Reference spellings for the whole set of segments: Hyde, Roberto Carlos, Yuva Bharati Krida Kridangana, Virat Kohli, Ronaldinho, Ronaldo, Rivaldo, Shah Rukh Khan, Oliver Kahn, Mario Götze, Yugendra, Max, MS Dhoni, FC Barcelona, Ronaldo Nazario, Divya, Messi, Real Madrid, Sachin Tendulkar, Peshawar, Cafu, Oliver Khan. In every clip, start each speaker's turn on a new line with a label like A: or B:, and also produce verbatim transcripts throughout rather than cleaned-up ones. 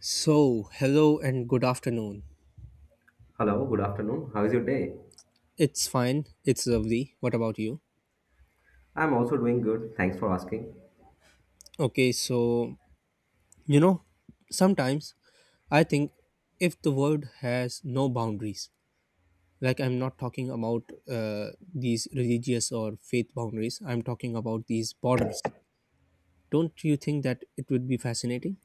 A: So, hello and good afternoon.
B: Hello, good afternoon. How is your day?
A: It's fine. It's lovely. What about you?
B: I'm also doing good. Thanks for asking.
A: Okay, so, you know, sometimes I think if the world has no boundaries, like I'm not talking about uh, these religious or faith boundaries, I'm talking about these borders. Don't you think that it would be fascinating?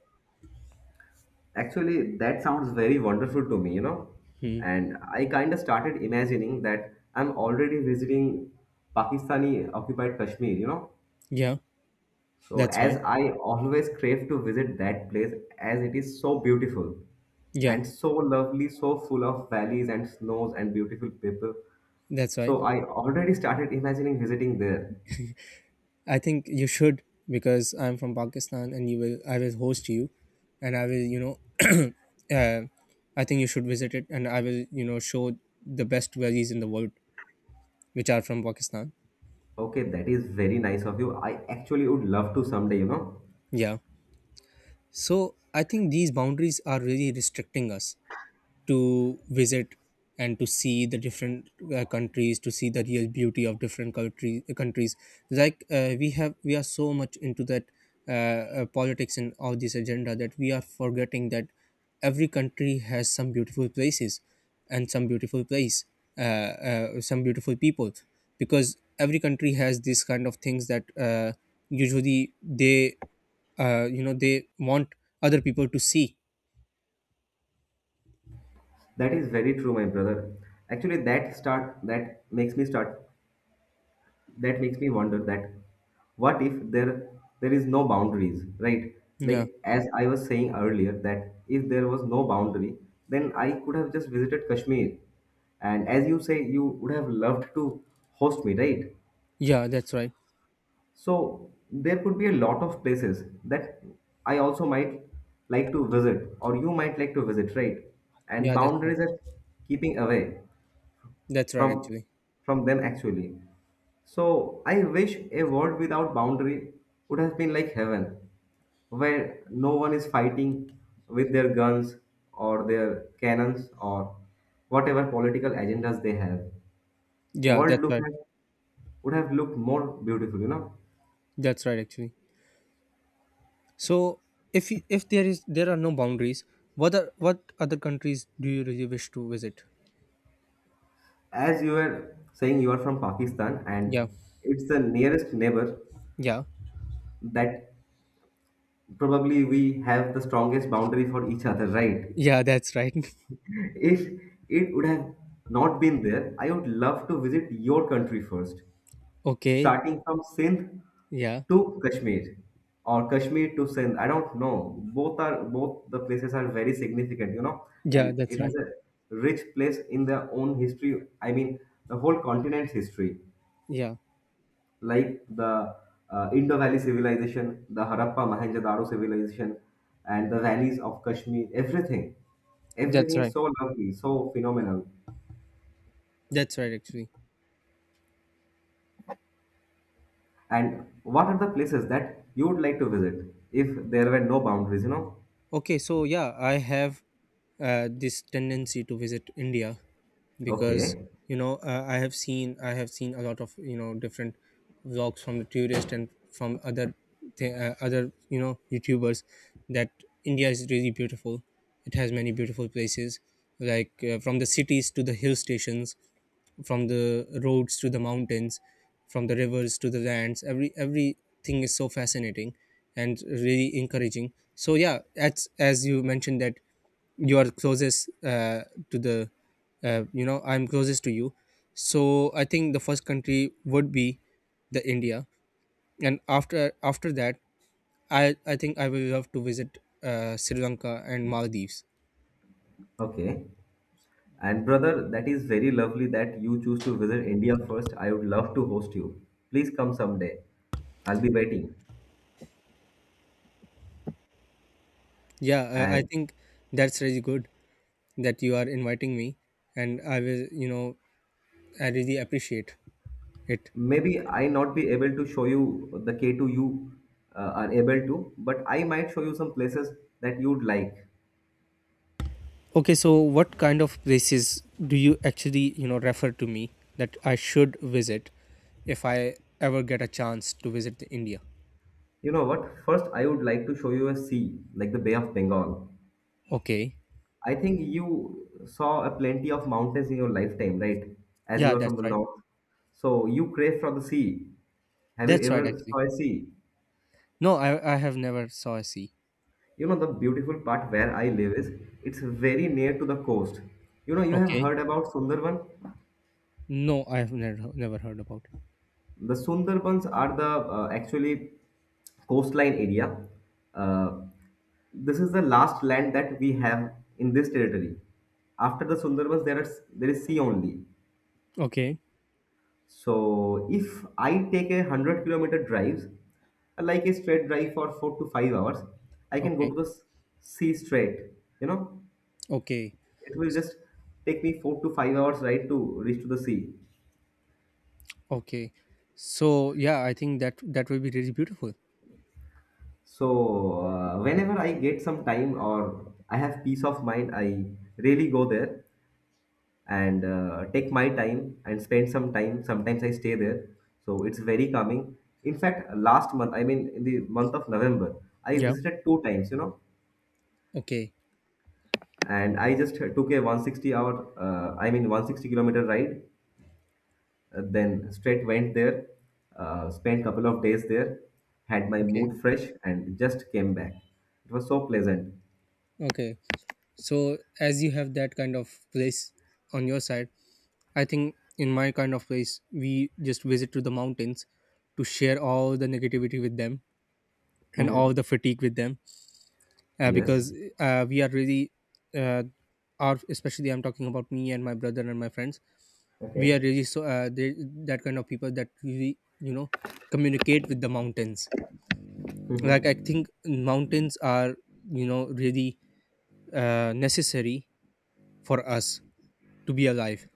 B: Actually, that sounds very wonderful to me, you know.
A: Hmm.
B: And I kind of started imagining that I'm already visiting Pakistani occupied Kashmir, you know.
A: Yeah,
B: So,
A: that's
B: as
A: right.
B: I always crave to visit that place, as it is so beautiful
A: Yeah,
B: and so lovely, so full of valleys and snows and beautiful people.
A: that's right.
B: So, I already started imagining visiting there.
A: I think you should, because I'm from Pakistan and you will I will host you, and I will you know uh, I think you should visit it, and I will you know show the best values in the world, which are from Pakistan.
B: Okay, that is very nice of you. I actually would love to someday, you know.
A: Yeah. So I think these boundaries are really restricting us to visit and to see the different uh, countries, to see the real beauty of different country, countries. Like uh, we have we are so much into that uh, uh, politics and all this agenda that we are forgetting that every country has some beautiful places and some beautiful place uh, uh, some beautiful people, because every country has these kind of things that uh, usually they, uh, you know they want other people to see.
B: That is very true, my brother. Actually, that start that makes me start that makes me wonder that what if there there is no boundaries, right?
A: Yeah,
B: Like as I was saying earlier, that if there was no boundary, then I could have just visited Kashmir. And as you say, you would have loved to host me, right?
A: yeah, that's right.
B: So there could be a lot of places that I also might like to visit, or you might like to visit, right? And
A: Yeah, that's right.
B: boundaries are keeping away.
A: That's right,
B: from
A: actually.
B: from them actually. So I wish a world without boundary would have been like heaven where no one is fighting with their guns or their cannons or whatever political agendas they have.
A: Yeah,
B: world
A: that's
B: look
A: right.
B: have, would have looked more beautiful you know
A: That's right, actually. So if you, if there is, there are no boundaries, what are, what other countries do you really wish to visit?
B: As you were saying, you are from Pakistan,
A: Yeah.
B: and it's the nearest neighbor
A: Yeah.
B: that probably we have the strongest boundary for each other, right?
A: Yeah, that's right.
B: If it would have not been there, I would love to visit your country first,
A: Okay.
B: starting from Sindh
A: Yeah.
B: to Kashmir or Kashmir to Sindh. I don't know. Both are both the places are very significant, you know,
A: Yeah,
B: and it
A: that's
B: has
A: right.
B: a rich place in their own history. I mean, the whole continent's history,
A: Yeah.
B: like the uh, Indo Valley civilization, the Harappa Mohenjo-daro civilization, and the valleys of Kashmir. Everything,
A: That's
B: everything is
A: right.
B: so lovely, so phenomenal.
A: That's right, actually.
B: And what are the places that you would like to visit if there were no boundaries, you know?
A: Okay, so yeah, I have uh, this tendency to visit India, because
B: Okay,
A: you know uh, I have seen I have seen a lot of you know different vlogs from the tourist and from other th- uh, other you know YouTubers that India is really beautiful. It has many beautiful places, like uh, from the cities to the hill stations, from the roads to the mountains, from the rivers to the lands. Every everything is so fascinating and really encouraging. So yeah, as as you mentioned that you are closest uh, to the uh, you know I'm closest to you, so I think the first country would be the India, and after after that, i i think I will love to visit uh, Sri Lanka and Maldives.
B: okay. And brother, that is very lovely that you choose to visit India first. I would love to host you. Please come someday. I'll be waiting.
A: yeah i, I
B: And
A: think that's really good that you are inviting me, and I will you know I really appreciate it.
B: maybe I not be able to show you the K two you uh, are able to, but I might show you some places that you'd like.
A: Okay, so what kind of places do you actually, you know, refer to me that I should visit if I ever get a chance to visit the India?
B: You know what? First, I would like to show you a sea, like the Bay of Bengal.
A: Okay.
B: I think you saw a plenty of mountains in your lifetime, right? As you
A: Yeah,
B: are
A: that's
B: from the
A: right.
B: north. So you crave for the sea. Have you
A: That's right,
B: ever
A: actually.
B: saw a sea?
A: No, I I have never saw a sea.
B: You know the beautiful part where I live is it's very near to the coast. You know you have
A: Okay.
B: heard about Sundarban.
A: No, I have never never heard about it.
B: The Sundarbans are the uh, actually coastline area. Uh, this is the last land that we have in this territory. After the Sundarbans, there are there is sea only.
A: Okay.
B: So if I take a hundred kilometer drives, like a straight drive for four to five hours, I can go
A: Okay.
B: to the s- sea straight. You know,
A: Okay.
B: it will just take me four to five hours right to reach to the sea.
A: Okay. So, yeah, I think that that will be really beautiful.
B: So uh, whenever I get some time or I have peace of mind, I really go there and uh, take my time and spend some time. Sometimes I stay there, so it's very calming. In fact, last month, I mean in the month of November, I
A: Yeah.
B: visited two times. You know
A: Okay.
B: and I just took a one hundred sixty hour, uh, I mean one hundred sixty kilometer ride. Uh, then straight went there, uh, spent couple of days there, had my
A: Okay.
B: mood fresh, and just came back. It was so pleasant.
A: Okay. So, as you have that kind of place on your side, I think in my kind of place, we just visit to the mountains to share all the negativity with them and all
B: Hmm.
A: the fatigue with them, uh,
B: Yes.
A: because uh, we are really uh, are especially I'm talking about me and my brother and my friends. We are
B: Okay.
A: really so uh, they, that kind of people that really you know communicate with the mountains. Like I
B: Hmm.
A: think mountains are you know really uh, necessary for us to be alive,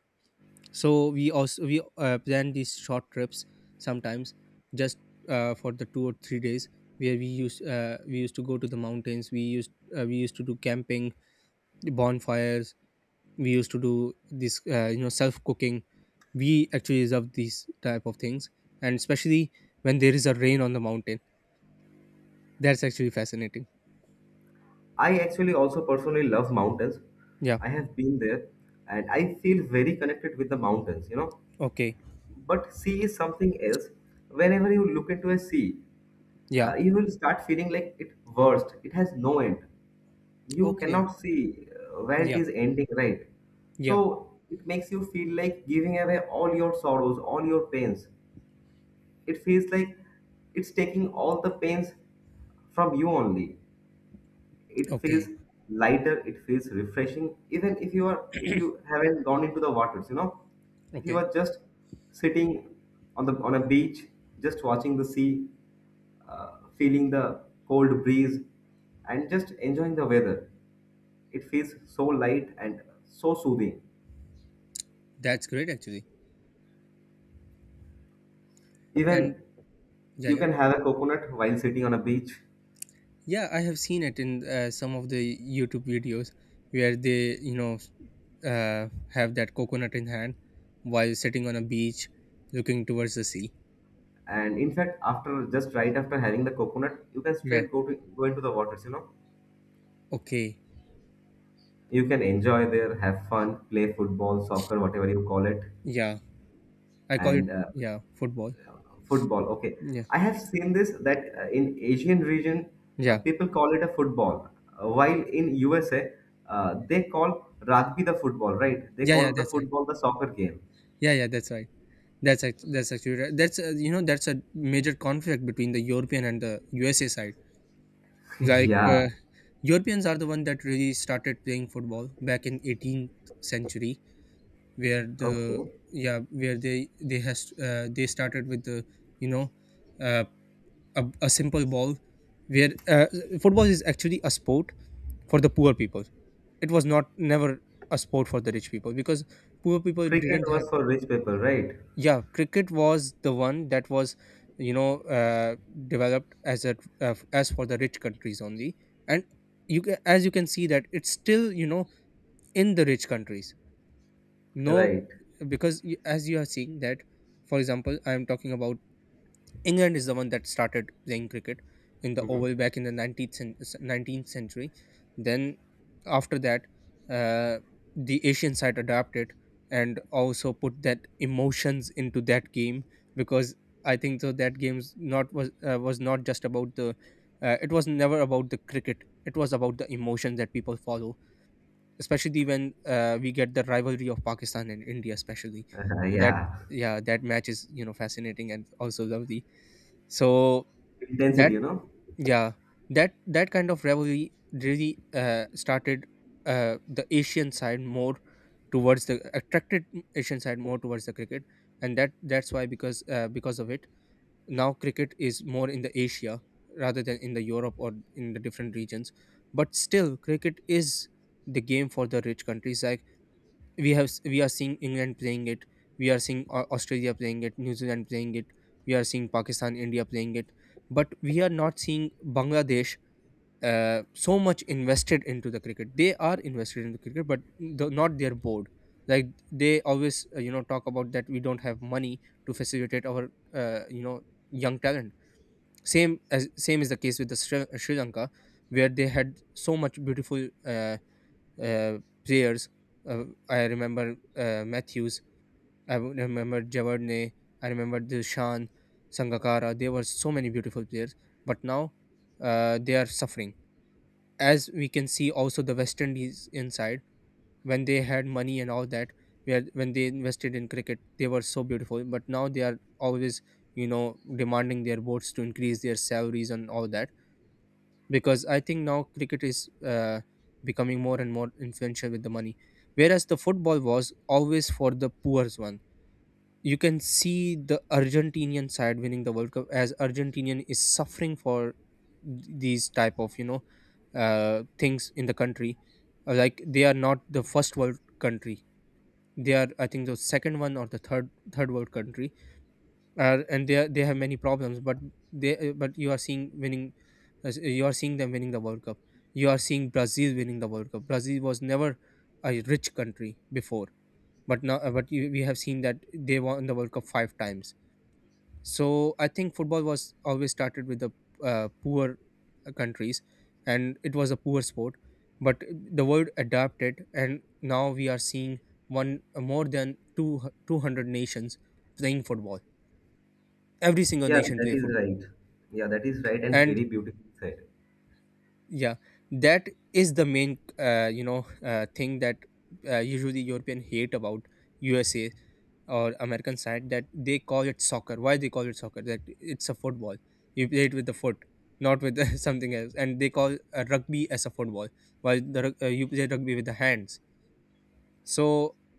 A: so we also we uh, plan these short trips sometimes, just uh, for the two or three days, where we used uh, we used to go to the mountains. We used uh, we used to do camping, bonfires. We used to do this uh, you know self cooking. We actually love these type of things, and especially when there is a rain on the mountain, that's actually fascinating.
B: I actually also personally love mountains.
A: Yeah.
B: I have been there, and I feel very connected with the mountains. You know,
A: Okay.
B: but sea is something else. Whenever you look into a sea,
A: Yeah.
B: uh, you will start feeling like it worst. It has no end. You
A: Okay.
B: cannot see uh, where it
A: Yeah.
B: is ending, right?
A: Yeah.
B: So it makes you feel like giving away all your sorrows, all your pains. It feels like it's taking all the pains from you only. It feels
A: Okay.
B: lighter, it feels refreshing. Even if you are if you haven't gone into the waters, you know, if you
A: Okay.
B: are just sitting on the on a beach, just watching the sea, uh, feeling the cold breeze, and just enjoying the weather. It feels so light and so soothing.
A: That's great, actually. And
B: Even
A: yeah,
B: you
A: yeah.
B: can have a coconut while sitting on a beach.
A: Yeah, I have seen it in uh, some of the YouTube videos where they, you know, uh, have that coconut in hand while sitting on a beach, looking towards the sea.
B: And in fact, after just right after having the coconut, you can
A: Yeah.
B: straight go to go into the waters, you know.
A: Okay.
B: You can enjoy there, have fun, play football, soccer, whatever you call it,
A: Yeah. I call it,
B: and uh,
A: yeah, football.
B: football. Okay,
A: Yeah.
B: I have seen this that uh, in Asian region, uh,
A: Yeah.
B: people call it a football, uh, while in U S A, uh, they call rugby the football, right? They
A: Yeah. Yeah.
B: call the
A: That's right.
B: football the soccer game.
A: Yeah. Yeah. That's right. That's act- that's actually right. That's, uh, you know that's a major conflict between the European and the U S A side. Like
B: Yeah,
A: uh, Europeans are the one that really started playing football back in eighteenth century, where the,
B: okay.
A: yeah, where they they has uh, they started with the, you know uh, a, a simple ball, where uh, football is actually a sport for the poor people. It was not never a sport for the rich people, because poor people
B: Cricket
A: didn't have.
B: was for rich people, right?
A: Yeah, cricket was the one that was, you know uh, developed as a, uh, as for the rich countries only, and you ca- as you can see, that it's still, you know, in the rich countries. No,
B: Right.
A: because y- as you are seeing, that for example, I am talking about, England is the one that started playing cricket in the
B: Mhm.
A: oval back in the nineteenth, cen- nineteenth century. Then after that, uh, the Asian side adapted and also put that emotions into that game, because I think so that game's not was uh, was not just about the, uh, it was never about the cricket, it was about the emotions that people follow, especially when uh, we get the rivalry of Pakistan and India, especially.
B: Uh,
A: That
B: yeah.
A: Yeah, that match is, you know, fascinating and also lovely. So
B: Intensity,
A: that
B: you know?
A: yeah that that kind of rivalry really uh, started uh, the Asian side more towards the attracted Asian side more towards the cricket, and that that's why, because uh, because of it, now cricket is more in the Asia rather than in the Europe or in the different regions. But still cricket is the game for the rich countries. Like we have s- we are seeing England playing it. We are seeing Au- Australia playing it, New Zealand playing it. We are seeing Pakistan, India playing it. But we are not seeing Bangladesh uh, so much invested into the cricket. They are invested in the cricket, but the, not their board. Like they always, uh, you know, talk about that we don't have money to facilitate our, uh, you know, young talent. Same as same is the case with the Sri, Sri Lanka, where they had so much beautiful uh, uh, players. Uh, I remember uh, Matthews. I would remember Javardne. I remember Dilshan, Sangakara. There were so many beautiful players, but now uh, they are suffering. As we can see, also the West Indies inside, when they had money and all that, where when they invested in cricket, they were so beautiful. But now they are always, you know, demanding their boards to increase their salaries and all that, because I think now cricket is uh, becoming more and more influential with the money, whereas the football was always for the poor one. You can see the Argentinian side winning the World Cup, as Argentinian is suffering for th- these type of, you know, uh, things in the country. Uh, Like they are not the first world country; they are, I think, the second one or the third third world country, uh, and they are- they have many problems, but they uh, but you are seeing winning. As- you are seeing them winning the World Cup. You are seeing Brazil winning the World Cup. Brazil was never a rich country before, but now, uh, but you, we have seen that they won the World Cup five times. So I think football was always started with the uh, poor uh, countries, and it was a poor sport, but the world adapted, and now we are seeing one uh, more than two, 200 nations playing football. Every single
B: Yeah,
A: nation
B: that
A: play
B: is
A: football.
B: right. Yeah, that is right and
A: And
B: very beautiful said.
A: yeah, that is the main, uh, you know uh, thing that uh, usually European hate about USA or American side, that they call it soccer. Why they call it soccer, that it's a football, you play it with the foot, not with something else, and they call uh, rugby as a football, while the rug- uh, you play rugby with the hands. So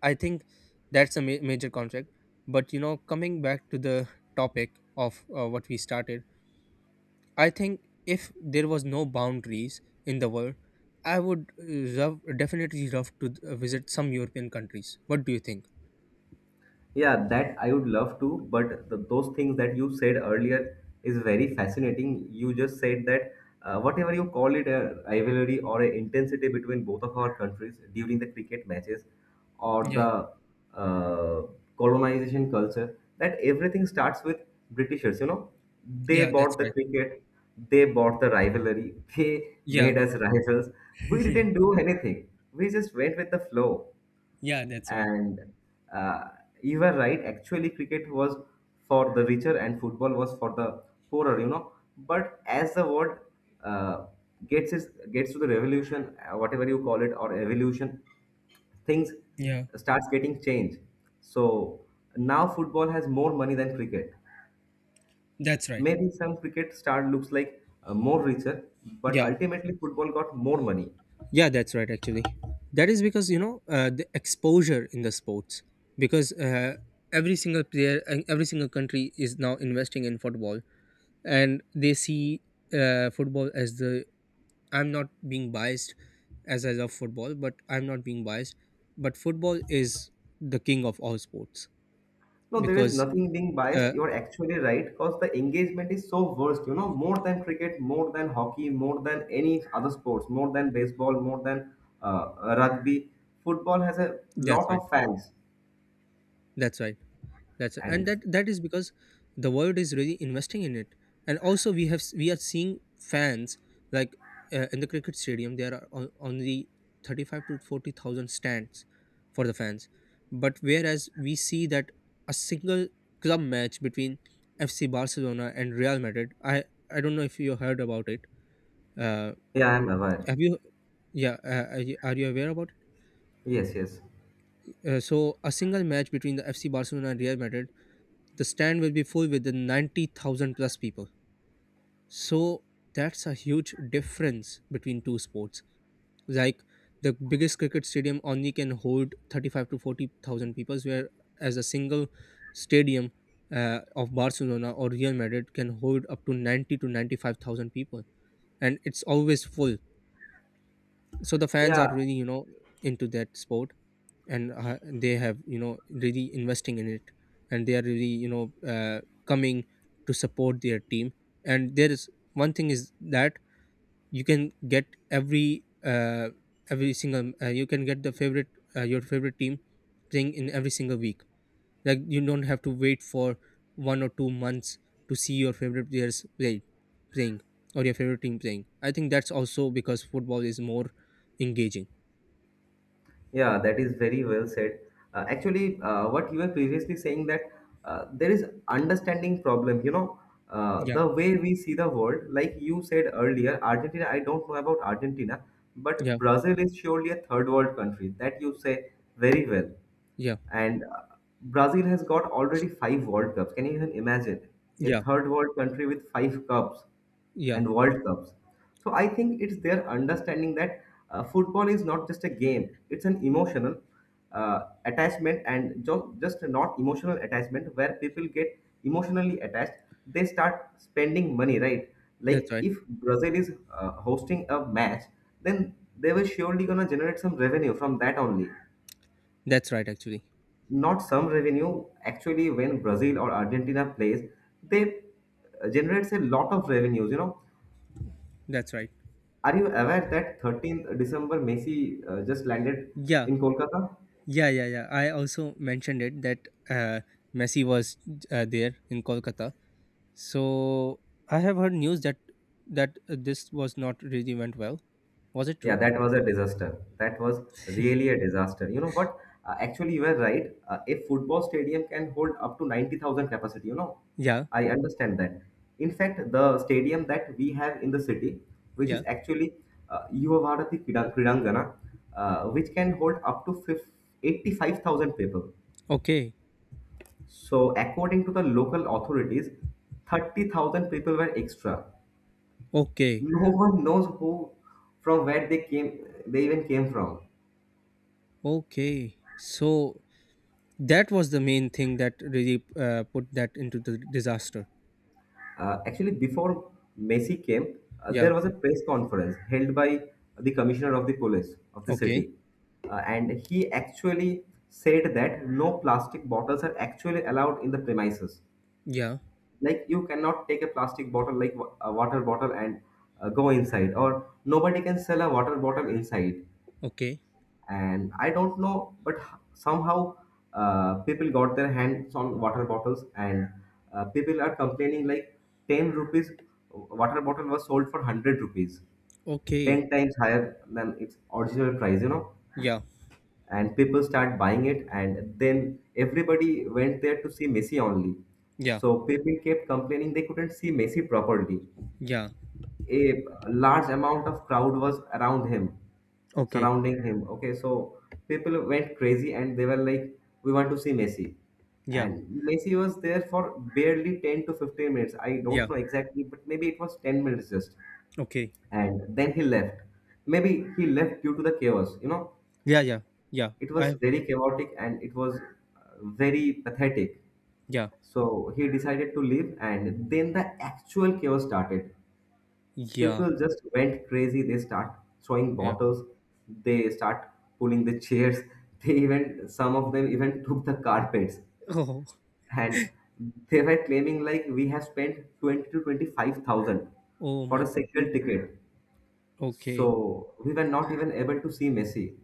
A: I think that's a ma- major contract. But you know, coming back to the topic of uh, what we started, I think if there was no boundaries in the world, I would uh, love, definitely love to uh, visit some European countries. What do you think?
B: Yeah, that I would love to, but the, those things that you said earlier is very fascinating. You just said that uh, whatever you call it, a rivalry or a intensity between both of our countries during the cricket matches or
A: Yeah,
B: the uh, colonization culture, that everything starts with Britishers, you know. They
A: yeah, that's
B: bought the
A: right.
B: cricket, they bought the rivalry, they
A: Yeah,
B: made us rivals. We
A: yeah.
B: didn't do anything. We just went with the flow
A: Yeah, that's right.
B: and uh, you were right. Actually, cricket was for the richer and football was for the poorer, you know. But as the world uh, gets is, gets to the revolution, uh, whatever you call it, or evolution, things
A: Yeah,
B: starts getting changed. So now football has more money than cricket.
A: that's right.
B: Maybe some cricket star looks like uh, more richer, but
A: Yeah.
B: ultimately football got more money.
A: Yeah, that's right. Actually, that is because, you know, uh, the exposure in the sports, because uh, every single player and every single country is now investing in football, and they see uh, football as the, I'm not being biased, as I love football, but I'm not being biased, but football is the king of all sports
B: No, there is
A: because
B: nothing being biased.
A: uh,
B: You're actually right because the engagement is so worst, you know, more than cricket, more than hockey, more than any other sports, more than baseball, more than uh, rugby. Football has a
A: that's
B: lot
A: right.
B: of fans.
A: That's right. That's and
B: And
A: that that is because the world is really investing in it, and also we have we are seeing fans like uh, in the cricket stadium there are on, only thirty five to forty thousand stands for the fans, but whereas we see that a single club match between F C Barcelona and Real Madrid. I I don't know if you heard about it. Uh,
B: yeah, I'm aware.
A: have you? Yeah, uh, are you are you aware about it?
B: Yes, yes.
A: Uh, so a single match between the F C Barcelona and Real Madrid, the stand will be full with the ninety thousand plus people. So that's a huge difference between two sports. Like the biggest cricket stadium only can hold thirty-five to forty thousand people, whereas a single stadium uh, of Barcelona or Real Madrid can hold up to ninety to ninety-five thousand people. And it's always full. So the fans are
B: Yeah,
A: really, you know, into that sport, and uh, they have, you know, really investing in it. And they are really, you know, uh, coming to support their team. And there is one thing is that you can get every uh, every single uh, you can get the favorite uh, your favorite team playing in every single week, like you don't have to wait for one or two months to see your favorite players play playing or your favorite team playing. I think that's also because football is more engaging.
B: yeah, that is very well said. Uh, actually, uh, what you were previously saying that uh, there is understanding problem. You know, uh,
A: Yeah,
B: the way we see the world, like you said earlier, Argentina. I don't know about Argentina,
A: yeah,
B: but Brazil is surely a third world country. That you say very well.
A: yeah,
B: And uh, Brazil has got already five World Cups. Can you even imagine? A
A: yeah,
B: third world country with five cups
A: yeah.
B: and World Cups. So I think it's their understanding that uh, football is not just a game, it's an emotional uh, attachment and jo- just a not emotional attachment where people get emotionally attached. They start spending money, right?
A: That's
B: Like
A: right.
B: if Brazil is uh, hosting a match, then they were surely gonna generate some revenue from that only
A: That's right, actually.
B: not some revenue. Actually, when Brazil or Argentina plays, they uh, generates a lot of revenues. You know,
A: That's right.
B: are you aware that thirteenth December Messi uh, just landed
A: Yeah,
B: in Kolkata?
A: yeah, yeah, yeah. I also mentioned it that uh, Messi was uh, there in Kolkata. So I have heard news that that uh, this was not really went well. Was it true?
B: Yeah, that was a disaster. That was really a disaster. You know what? Uh, actually, you were right. Uh, a football stadium can hold up to ninety thousand capacity. You know,
A: Yeah,
B: I understand that. In fact, the stadium that we have in the city, which
A: yeah.
B: is actually uh, Yuva Bharati Krida- Kridangana, uh, which can hold up to fif- eighty-five thousand people.
A: Okay,
B: So, according to the local authorities, thirty thousand people were extra.
A: okay,
B: No one knows who, from where they came, they even came from.
A: okay. So that was the main thing that really uh, put that into the disaster.
B: Uh, actually, before Messi came, uh,
A: Yeah.
B: there was a press conference held by the commissioner of the police of the
A: Okay.
B: city. Uh, and he actually said that no plastic bottles are actually allowed in the premises.
A: Yeah.
B: Like, you cannot take a plastic bottle, like wa- a water bottle, and uh, go inside, or nobody can sell a water bottle inside.
A: Okay.
B: And I don't know, but somehow, uh, people got their hands on water bottles, and uh, people are complaining like ten rupees water bottle was sold for one hundred rupees,
A: Okay.
B: ten times higher than its original price you know
A: Yeah.
B: And people start buying it, and then everybody went there to see Messi only.
A: Yeah.
B: So people kept complaining they couldn't see Messi properly.
A: Yeah.
B: A large amount of crowd was around him,
A: Okay.
B: surrounding him. Okay, so people went crazy and they were like, "We want to see Messi,"
A: Yeah.
B: and Messi was there for barely ten to fifteen minutes. I
A: Yeah.
B: don't know exactly, but maybe it was ten minutes just,
A: Okay.
B: and then he left. Maybe he left due to the chaos. You know,
A: Yeah. Yeah. Yeah.
B: it was
A: I.
B: very chaotic and it was uh, very pathetic.
A: Yeah.
B: So he decided to leave, and then the actual chaos started.
A: Yeah.
B: People just went crazy, they start throwing
A: Yeah.
B: bottles, they start pulling the chairs. they even some of them even took the carpets,
A: Oh.
B: and they were claiming like, "We have spent twenty to twenty-five thousand
A: Oh
B: for
A: my
B: a
A: God.
B: single ticket,
A: Okay.
B: so we were not even able to see Messi."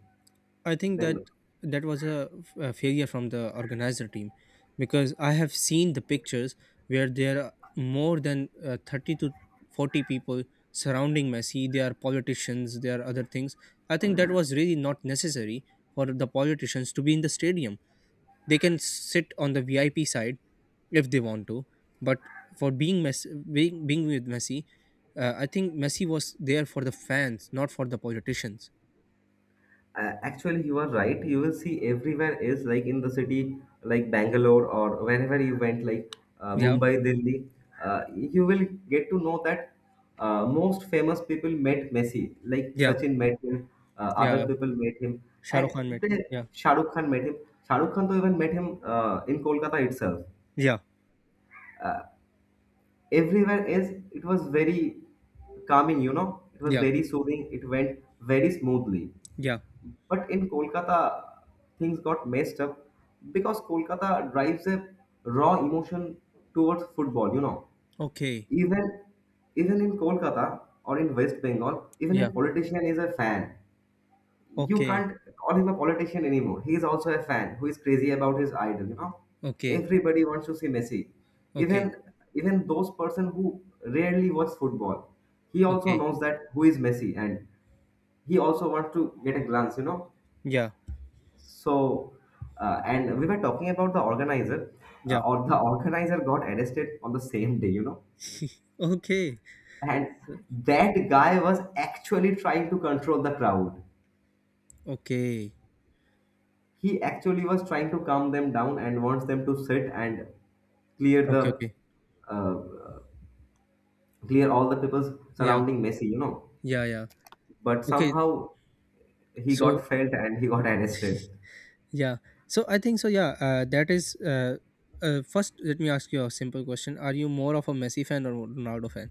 A: I think that
B: Then,
A: that was a, f- a failure from the organizer team, because I have seen the pictures where there are more than uh, thirty to forty people surrounding Messi. They are politicians, they are other things. I think that was really not necessary for the politicians to be in the stadium. They can sit on the V I P side if they want to, but for being Messi, being, being with Messi, uh, I think Messi was there for the fans, not for the politicians.
B: Uh, actually, you are right. You will see everywhere is like in the city, like Bangalore or wherever you went, like uh,
A: Yeah,
B: Mumbai, Delhi, uh, you will get to know that uh, most famous people met Messi, like
A: yeah,
B: Sachin met him, uh, other
A: yeah.
B: people met him,
A: Shah Rukh
B: and
A: Khan Metro.
B: then
A: Yeah.
B: Shah Rukh Khan met him. Shah Rukh Khan though even met him uh, in Kolkata itself.
A: Yeah.
B: Everywhere is it was very calming, you know, it was
A: Yeah.
B: very soothing, it went very smoothly.
A: Yeah.
B: But in Kolkata, things got messed up because Kolkata drives a raw emotion towards football. You know,
A: Okay.
B: even even in Kolkata or in West Bengal, even a
A: Yeah.
B: politician is a fan. You
A: Okay.
B: can't call him a politician anymore. He is also a fan who is crazy about his idol. You know,
A: Okay.
B: everybody wants to see Messi.
A: Okay.
B: Even even those person who rarely watch football, he also
A: Okay.
B: knows that who is Messi, and he also wants to get a glance. You know,
A: Yeah.
B: so, uh, and we were talking about the organizer, uh,
A: Yeah.
B: or the organizer got arrested on the same day, you know.
A: Okay.
B: And that guy was actually trying to control the crowd.
A: Okay.
B: He actually was trying to calm them down and wants them to sit and clear
A: Okay.
B: the
A: Okay.
B: uh, clear all the people
A: Yeah.
B: surrounding Messi, you know.
A: Yeah. Yeah.
B: But
A: Okay.
B: somehow he
A: So
B: got felt and he got arrested.
A: yeah. So I think so. Yeah. Uh, that is. Uh, uh, first, let me ask you a simple question. Are you more of a Messi fan or Ronaldo fan?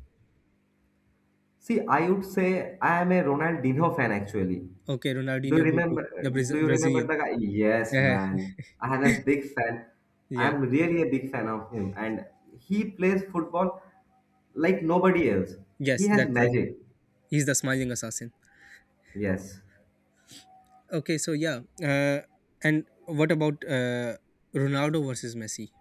B: See, I would say I am a Ronaldinho fan actually.
A: Okay,
B: Do you
A: Ronaldinho Goku,
B: remember?
A: the
B: Do
A: Braz-
B: you remember
A: Brazilian.
B: the guy? Yes,
A: Yeah.
B: man. I am a big fan.
A: Yeah.
B: I'm really a big fan of him, and he plays football like nobody else. He
A: Yes,
B: has
A: that's right.
B: magic.
A: He's the smiling assassin.
B: Yes.
A: Okay, so yeah, uh, and what about uh, Ronaldo versus Messi?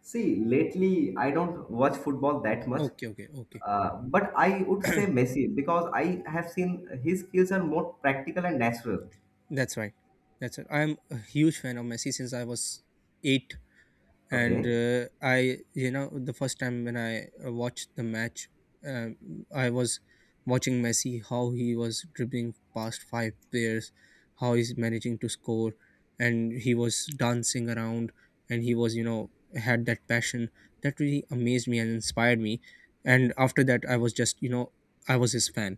B: See, lately I don't watch football that much,
A: Okay, okay, okay.
B: uh, but I would say Messi because I have seen his skills are more practical and natural.
A: That's right. That's right. I'm a huge fan of Messi since I was eight, and
B: Okay.
A: uh, i you know the first time when i uh, watched the match, um, I was watching Messi how he was dribbling past five players, how he's managing to score, and he was dancing around, and he was you know had that passion that really amazed me and inspired me. And after that, I was just, you know I was his fan.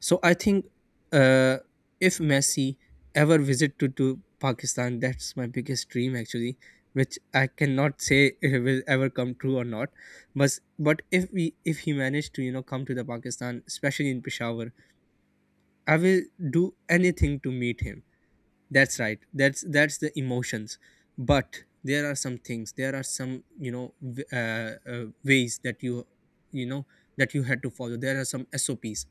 A: So I think, uh, if Messi ever visit to, to Pakistan, that's my biggest dream actually, which I cannot say if it will ever come true or not. But but if we if he managed to you know come to the Pakistan, especially in Peshawar, I will do anything to meet him. That's right. That's that's the emotions. But there are some things. There are some you know w- uh, uh, ways that you you know that you had to follow. There are some S O Ps.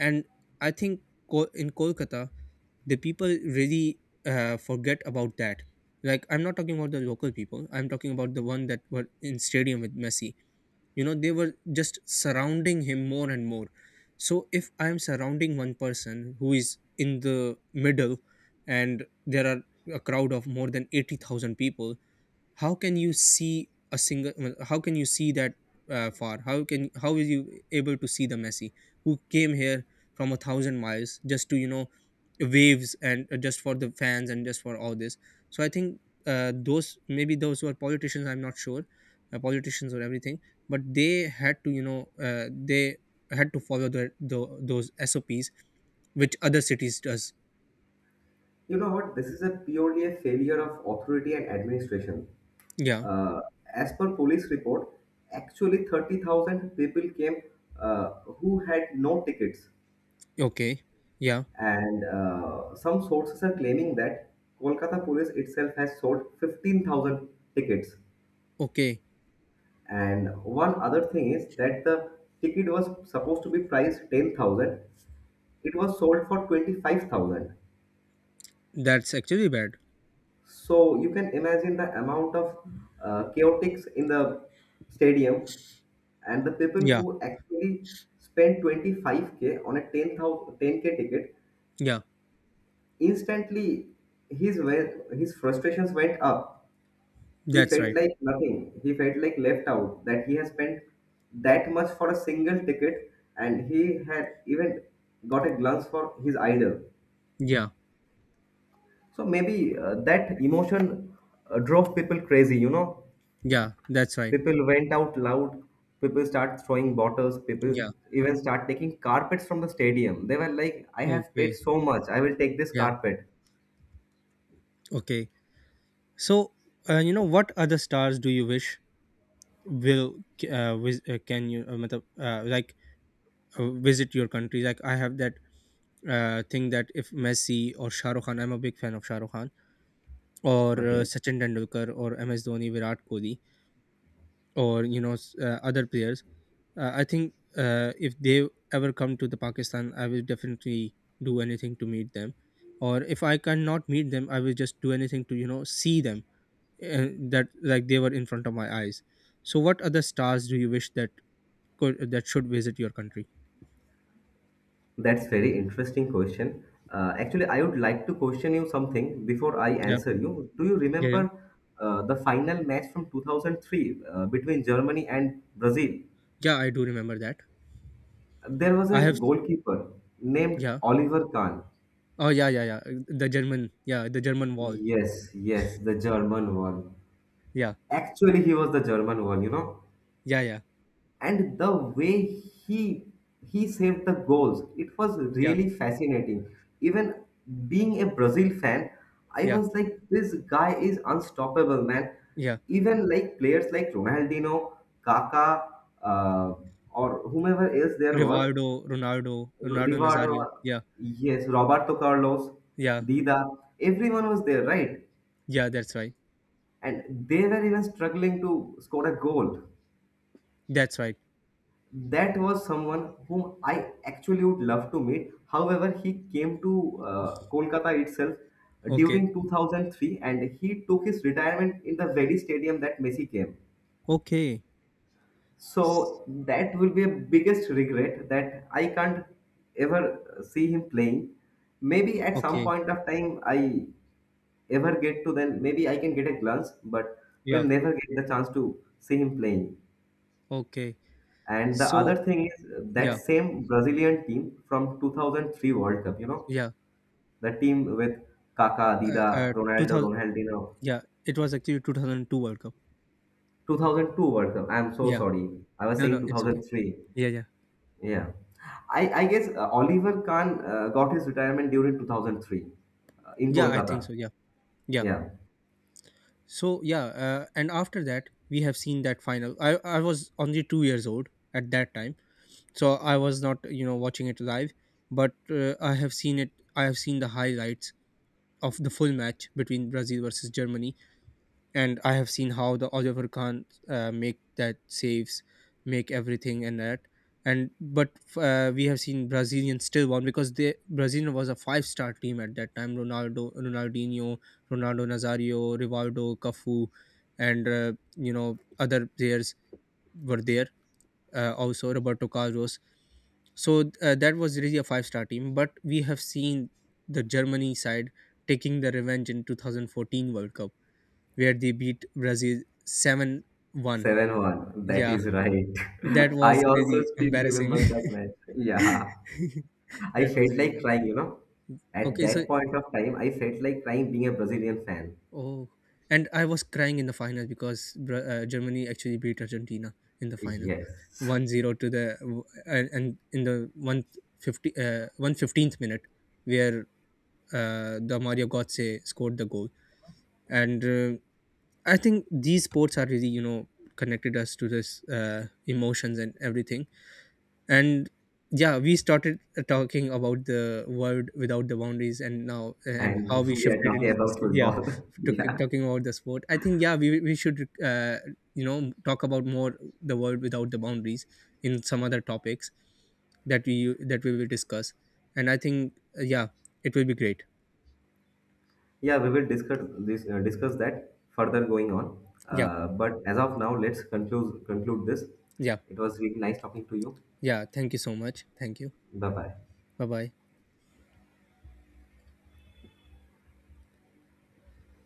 A: And I think, Ko- in Kolkata, the people really uh, forget about that. Like, I'm not talking about the local people, I'm talking about the one that were in stadium with Messi. You know they were just surrounding him more and more. So if I am surrounding one person who is in the middle, and there are a crowd of more than eighty thousand people, how can you see a single, well, how can you see that uh, far? How can how is you able to see the Messi who came here from a thousand miles just to you know waves, and uh, just for the fans and just for all this? So I think, uh, those maybe those who are politicians, I'm not sure, uh, politicians or everything, but they had to you know uh, they had to follow the, the those S O Ps which other cities does.
B: You know what? This is a purely a failure of authority and administration.
A: Yeah.
B: Uh, as per police report, actually thirty thousand people came uh, who had no tickets.
A: Okay. Yeah.
B: And uh, some sources are claiming that Kolkata police itself has sold fifteen thousand tickets.
A: Okay.
B: And one other thing is that the ticket was supposed to be priced ten thousand. It was sold for twenty-five thousand.
A: That's actually bad.
B: So you can imagine the amount of uh, chaotics in the stadium and the people
A: Yeah,
B: who actually spend twenty-five k on a ten thousand ten k ticket,
A: yeah.
B: instantly his we- his frustrations went up. He
A: That's
B: felt
A: right.
B: like nothing. He felt like left out that he has spent that much for a single ticket and he had even got a glance for his idol.
A: Yeah.
B: So maybe uh, that emotion uh, drove people crazy, you know.
A: Yeah. That's right.
B: People went out loud. People start throwing bottles. People
A: Yeah.
B: even start taking carpets from the stadium. They were like, "I have paid
A: Okay.
B: so much. I will take this
A: Yeah.
B: carpet."
A: Okay. So, uh, you know, what other stars do you wish will uh, vis- uh, can you uh, matlab, uh, like uh, visit your country? Like, I have that uh, thing that if Messi or Shah Rukh Khan, I'm a big fan of Shah Rukh Khan, or uh,
B: Okay,
A: Sachin Tendulkar or M S Dhoni, Virat Kohli, or you know s- uh, other players. Uh, I think, uh, if they ever come to the Pakistan, I will definitely do anything to meet them, or if I cannot meet them, I will just do anything to you know see them and that, like they were in front of my eyes. So, what other stars do you wish that could that should visit your country?
B: that's very interesting question. Uh, actually, I would like to question you something before I
A: Yeah,
B: answer you. Do you
A: yeah, yeah,
B: remember uh, the final match from two thousand three uh, between Germany and Brazil?
A: yeah. I do remember that.
B: There was
A: I
B: a
A: have.
B: goalkeeper named
A: Yeah.
B: Oliver Kahn.
A: Oh yeah, yeah, yeah. The German, yeah, the German Wall.
B: Yes, yes, the German one.
A: Yeah,
B: Actually, he was the German one, you know,
A: yeah, yeah,
B: and the way he he saved the goals, it was
A: yeah,
B: really fascinating. Even being a Brazil fan, I
A: yeah,
B: was like, "This guy is unstoppable, man."
A: yeah.
B: Even like players like Ronaldinho, Kaka, uh, or whomever else there was,
A: Rivaldo, Ronaldo, Ronaldo
B: Rivaldo,
A: Nazario. Yeah,
B: yes, Roberto Carlos,
A: yeah,
B: Dida, everyone was there, right?
A: yeah. That's right.
B: And they were even struggling to score a goal.
A: That's right.
B: That was someone whom I actually would love to meet. However, he came to uh, Kolkata itself
A: Okay.
B: during two thousand three and he took his retirement in the very stadium that Messi came.
A: Okay. S-
B: So that will be a biggest regret that I can't ever see him playing. Maybe at some
A: Okay.
B: point of time I ever get to, then maybe I can get a glance, but
A: Yeah.
B: will never get the chance to see him playing.
A: Okay.
B: And the
A: So
B: other thing is uh, that
A: yeah.
B: same Brazilian team from two thousand three World Cup, you know,
A: Yeah.
B: the team with Kaká,
A: Uh, uh,
B: Dida, Ronaldo,
A: two thousand.
B: Ronaldinho,
A: Yeah. It was actually two thousand two World Cup.
B: two thousand two World Cup. I'm so
A: Yeah.
B: sorry. I was
A: No.
B: saying
A: No. It's okay.
B: two thousand three.
A: Yeah. Yeah.
B: Yeah. I, I guess uh, Oliver Kahn uh, got his retirement during twenty oh three uh, in
A: Yeah. I think
B: Kolkata.
A: so. Yeah. Yeah.
B: Yeah.
A: So yeah. Uh, and after that, we have seen that final. I I was only two years old at that time, so I was not you know watching it live, but uh, I have seen it. I have seen the highlights of the full match between Brazil versus Germany, and I have seen how the Oliver Khan uh, make that saves, make everything and that. And but uh, we have seen Brazilian still won, because they Brazil was a five star team at that time. Ronaldo, Ronaldinho, Ronaldo Nazario, Rivaldo, Cafu, and uh, you know other players were there. Uh, also Roberto Carlos. So uh, that was really a five star team. But we have seen the Germany side taking the revenge in twenty fourteen World Cup, where they beat Brazil seven one.
B: seven one. That
A: Yeah,
B: is right.
A: that
B: I
A: was
B: also
A: really
B: still
A: embarrassing.
B: remember that match. Yeah. I
A: That was
B: felt
A: really
B: like
A: bad.
B: crying, you know. At
A: Okay, so,
B: that point of time, I felt like crying being a Brazilian fan.
A: oh, and I was crying in the final, because Bra- uh, Germany actually beat Argentina in the final
B: Yes.
A: one zero to the, w- and, and in the one fifty, uh, one hundred fifteenth minute, where uh, the Mario Götze scored the goal. And uh, I think these sports are really, you know, connected us to this uh, emotions and everything. And yeah, we started talking about the world without the boundaries, and now and
B: And
A: how we
B: we are
A: shifted
B: talking
A: into this.
B: about
A: Yeah.
B: football.
A: to,
B: Yeah.
A: talking about the sport, I think, yeah, we, we should, uh, you know talk about more the world without the boundaries in some other topics that we that we will discuss. And I think, uh, yeah, it will be great.
B: Yeah, we will discuss this uh, discuss that further going on.
A: Yeah,
B: Uh, but as of now, let's conclude conclude this.
A: yeah.
B: It was really nice talking to you.
A: Yeah, thank you so much, thank you.
B: Bye bye.
A: Bye bye.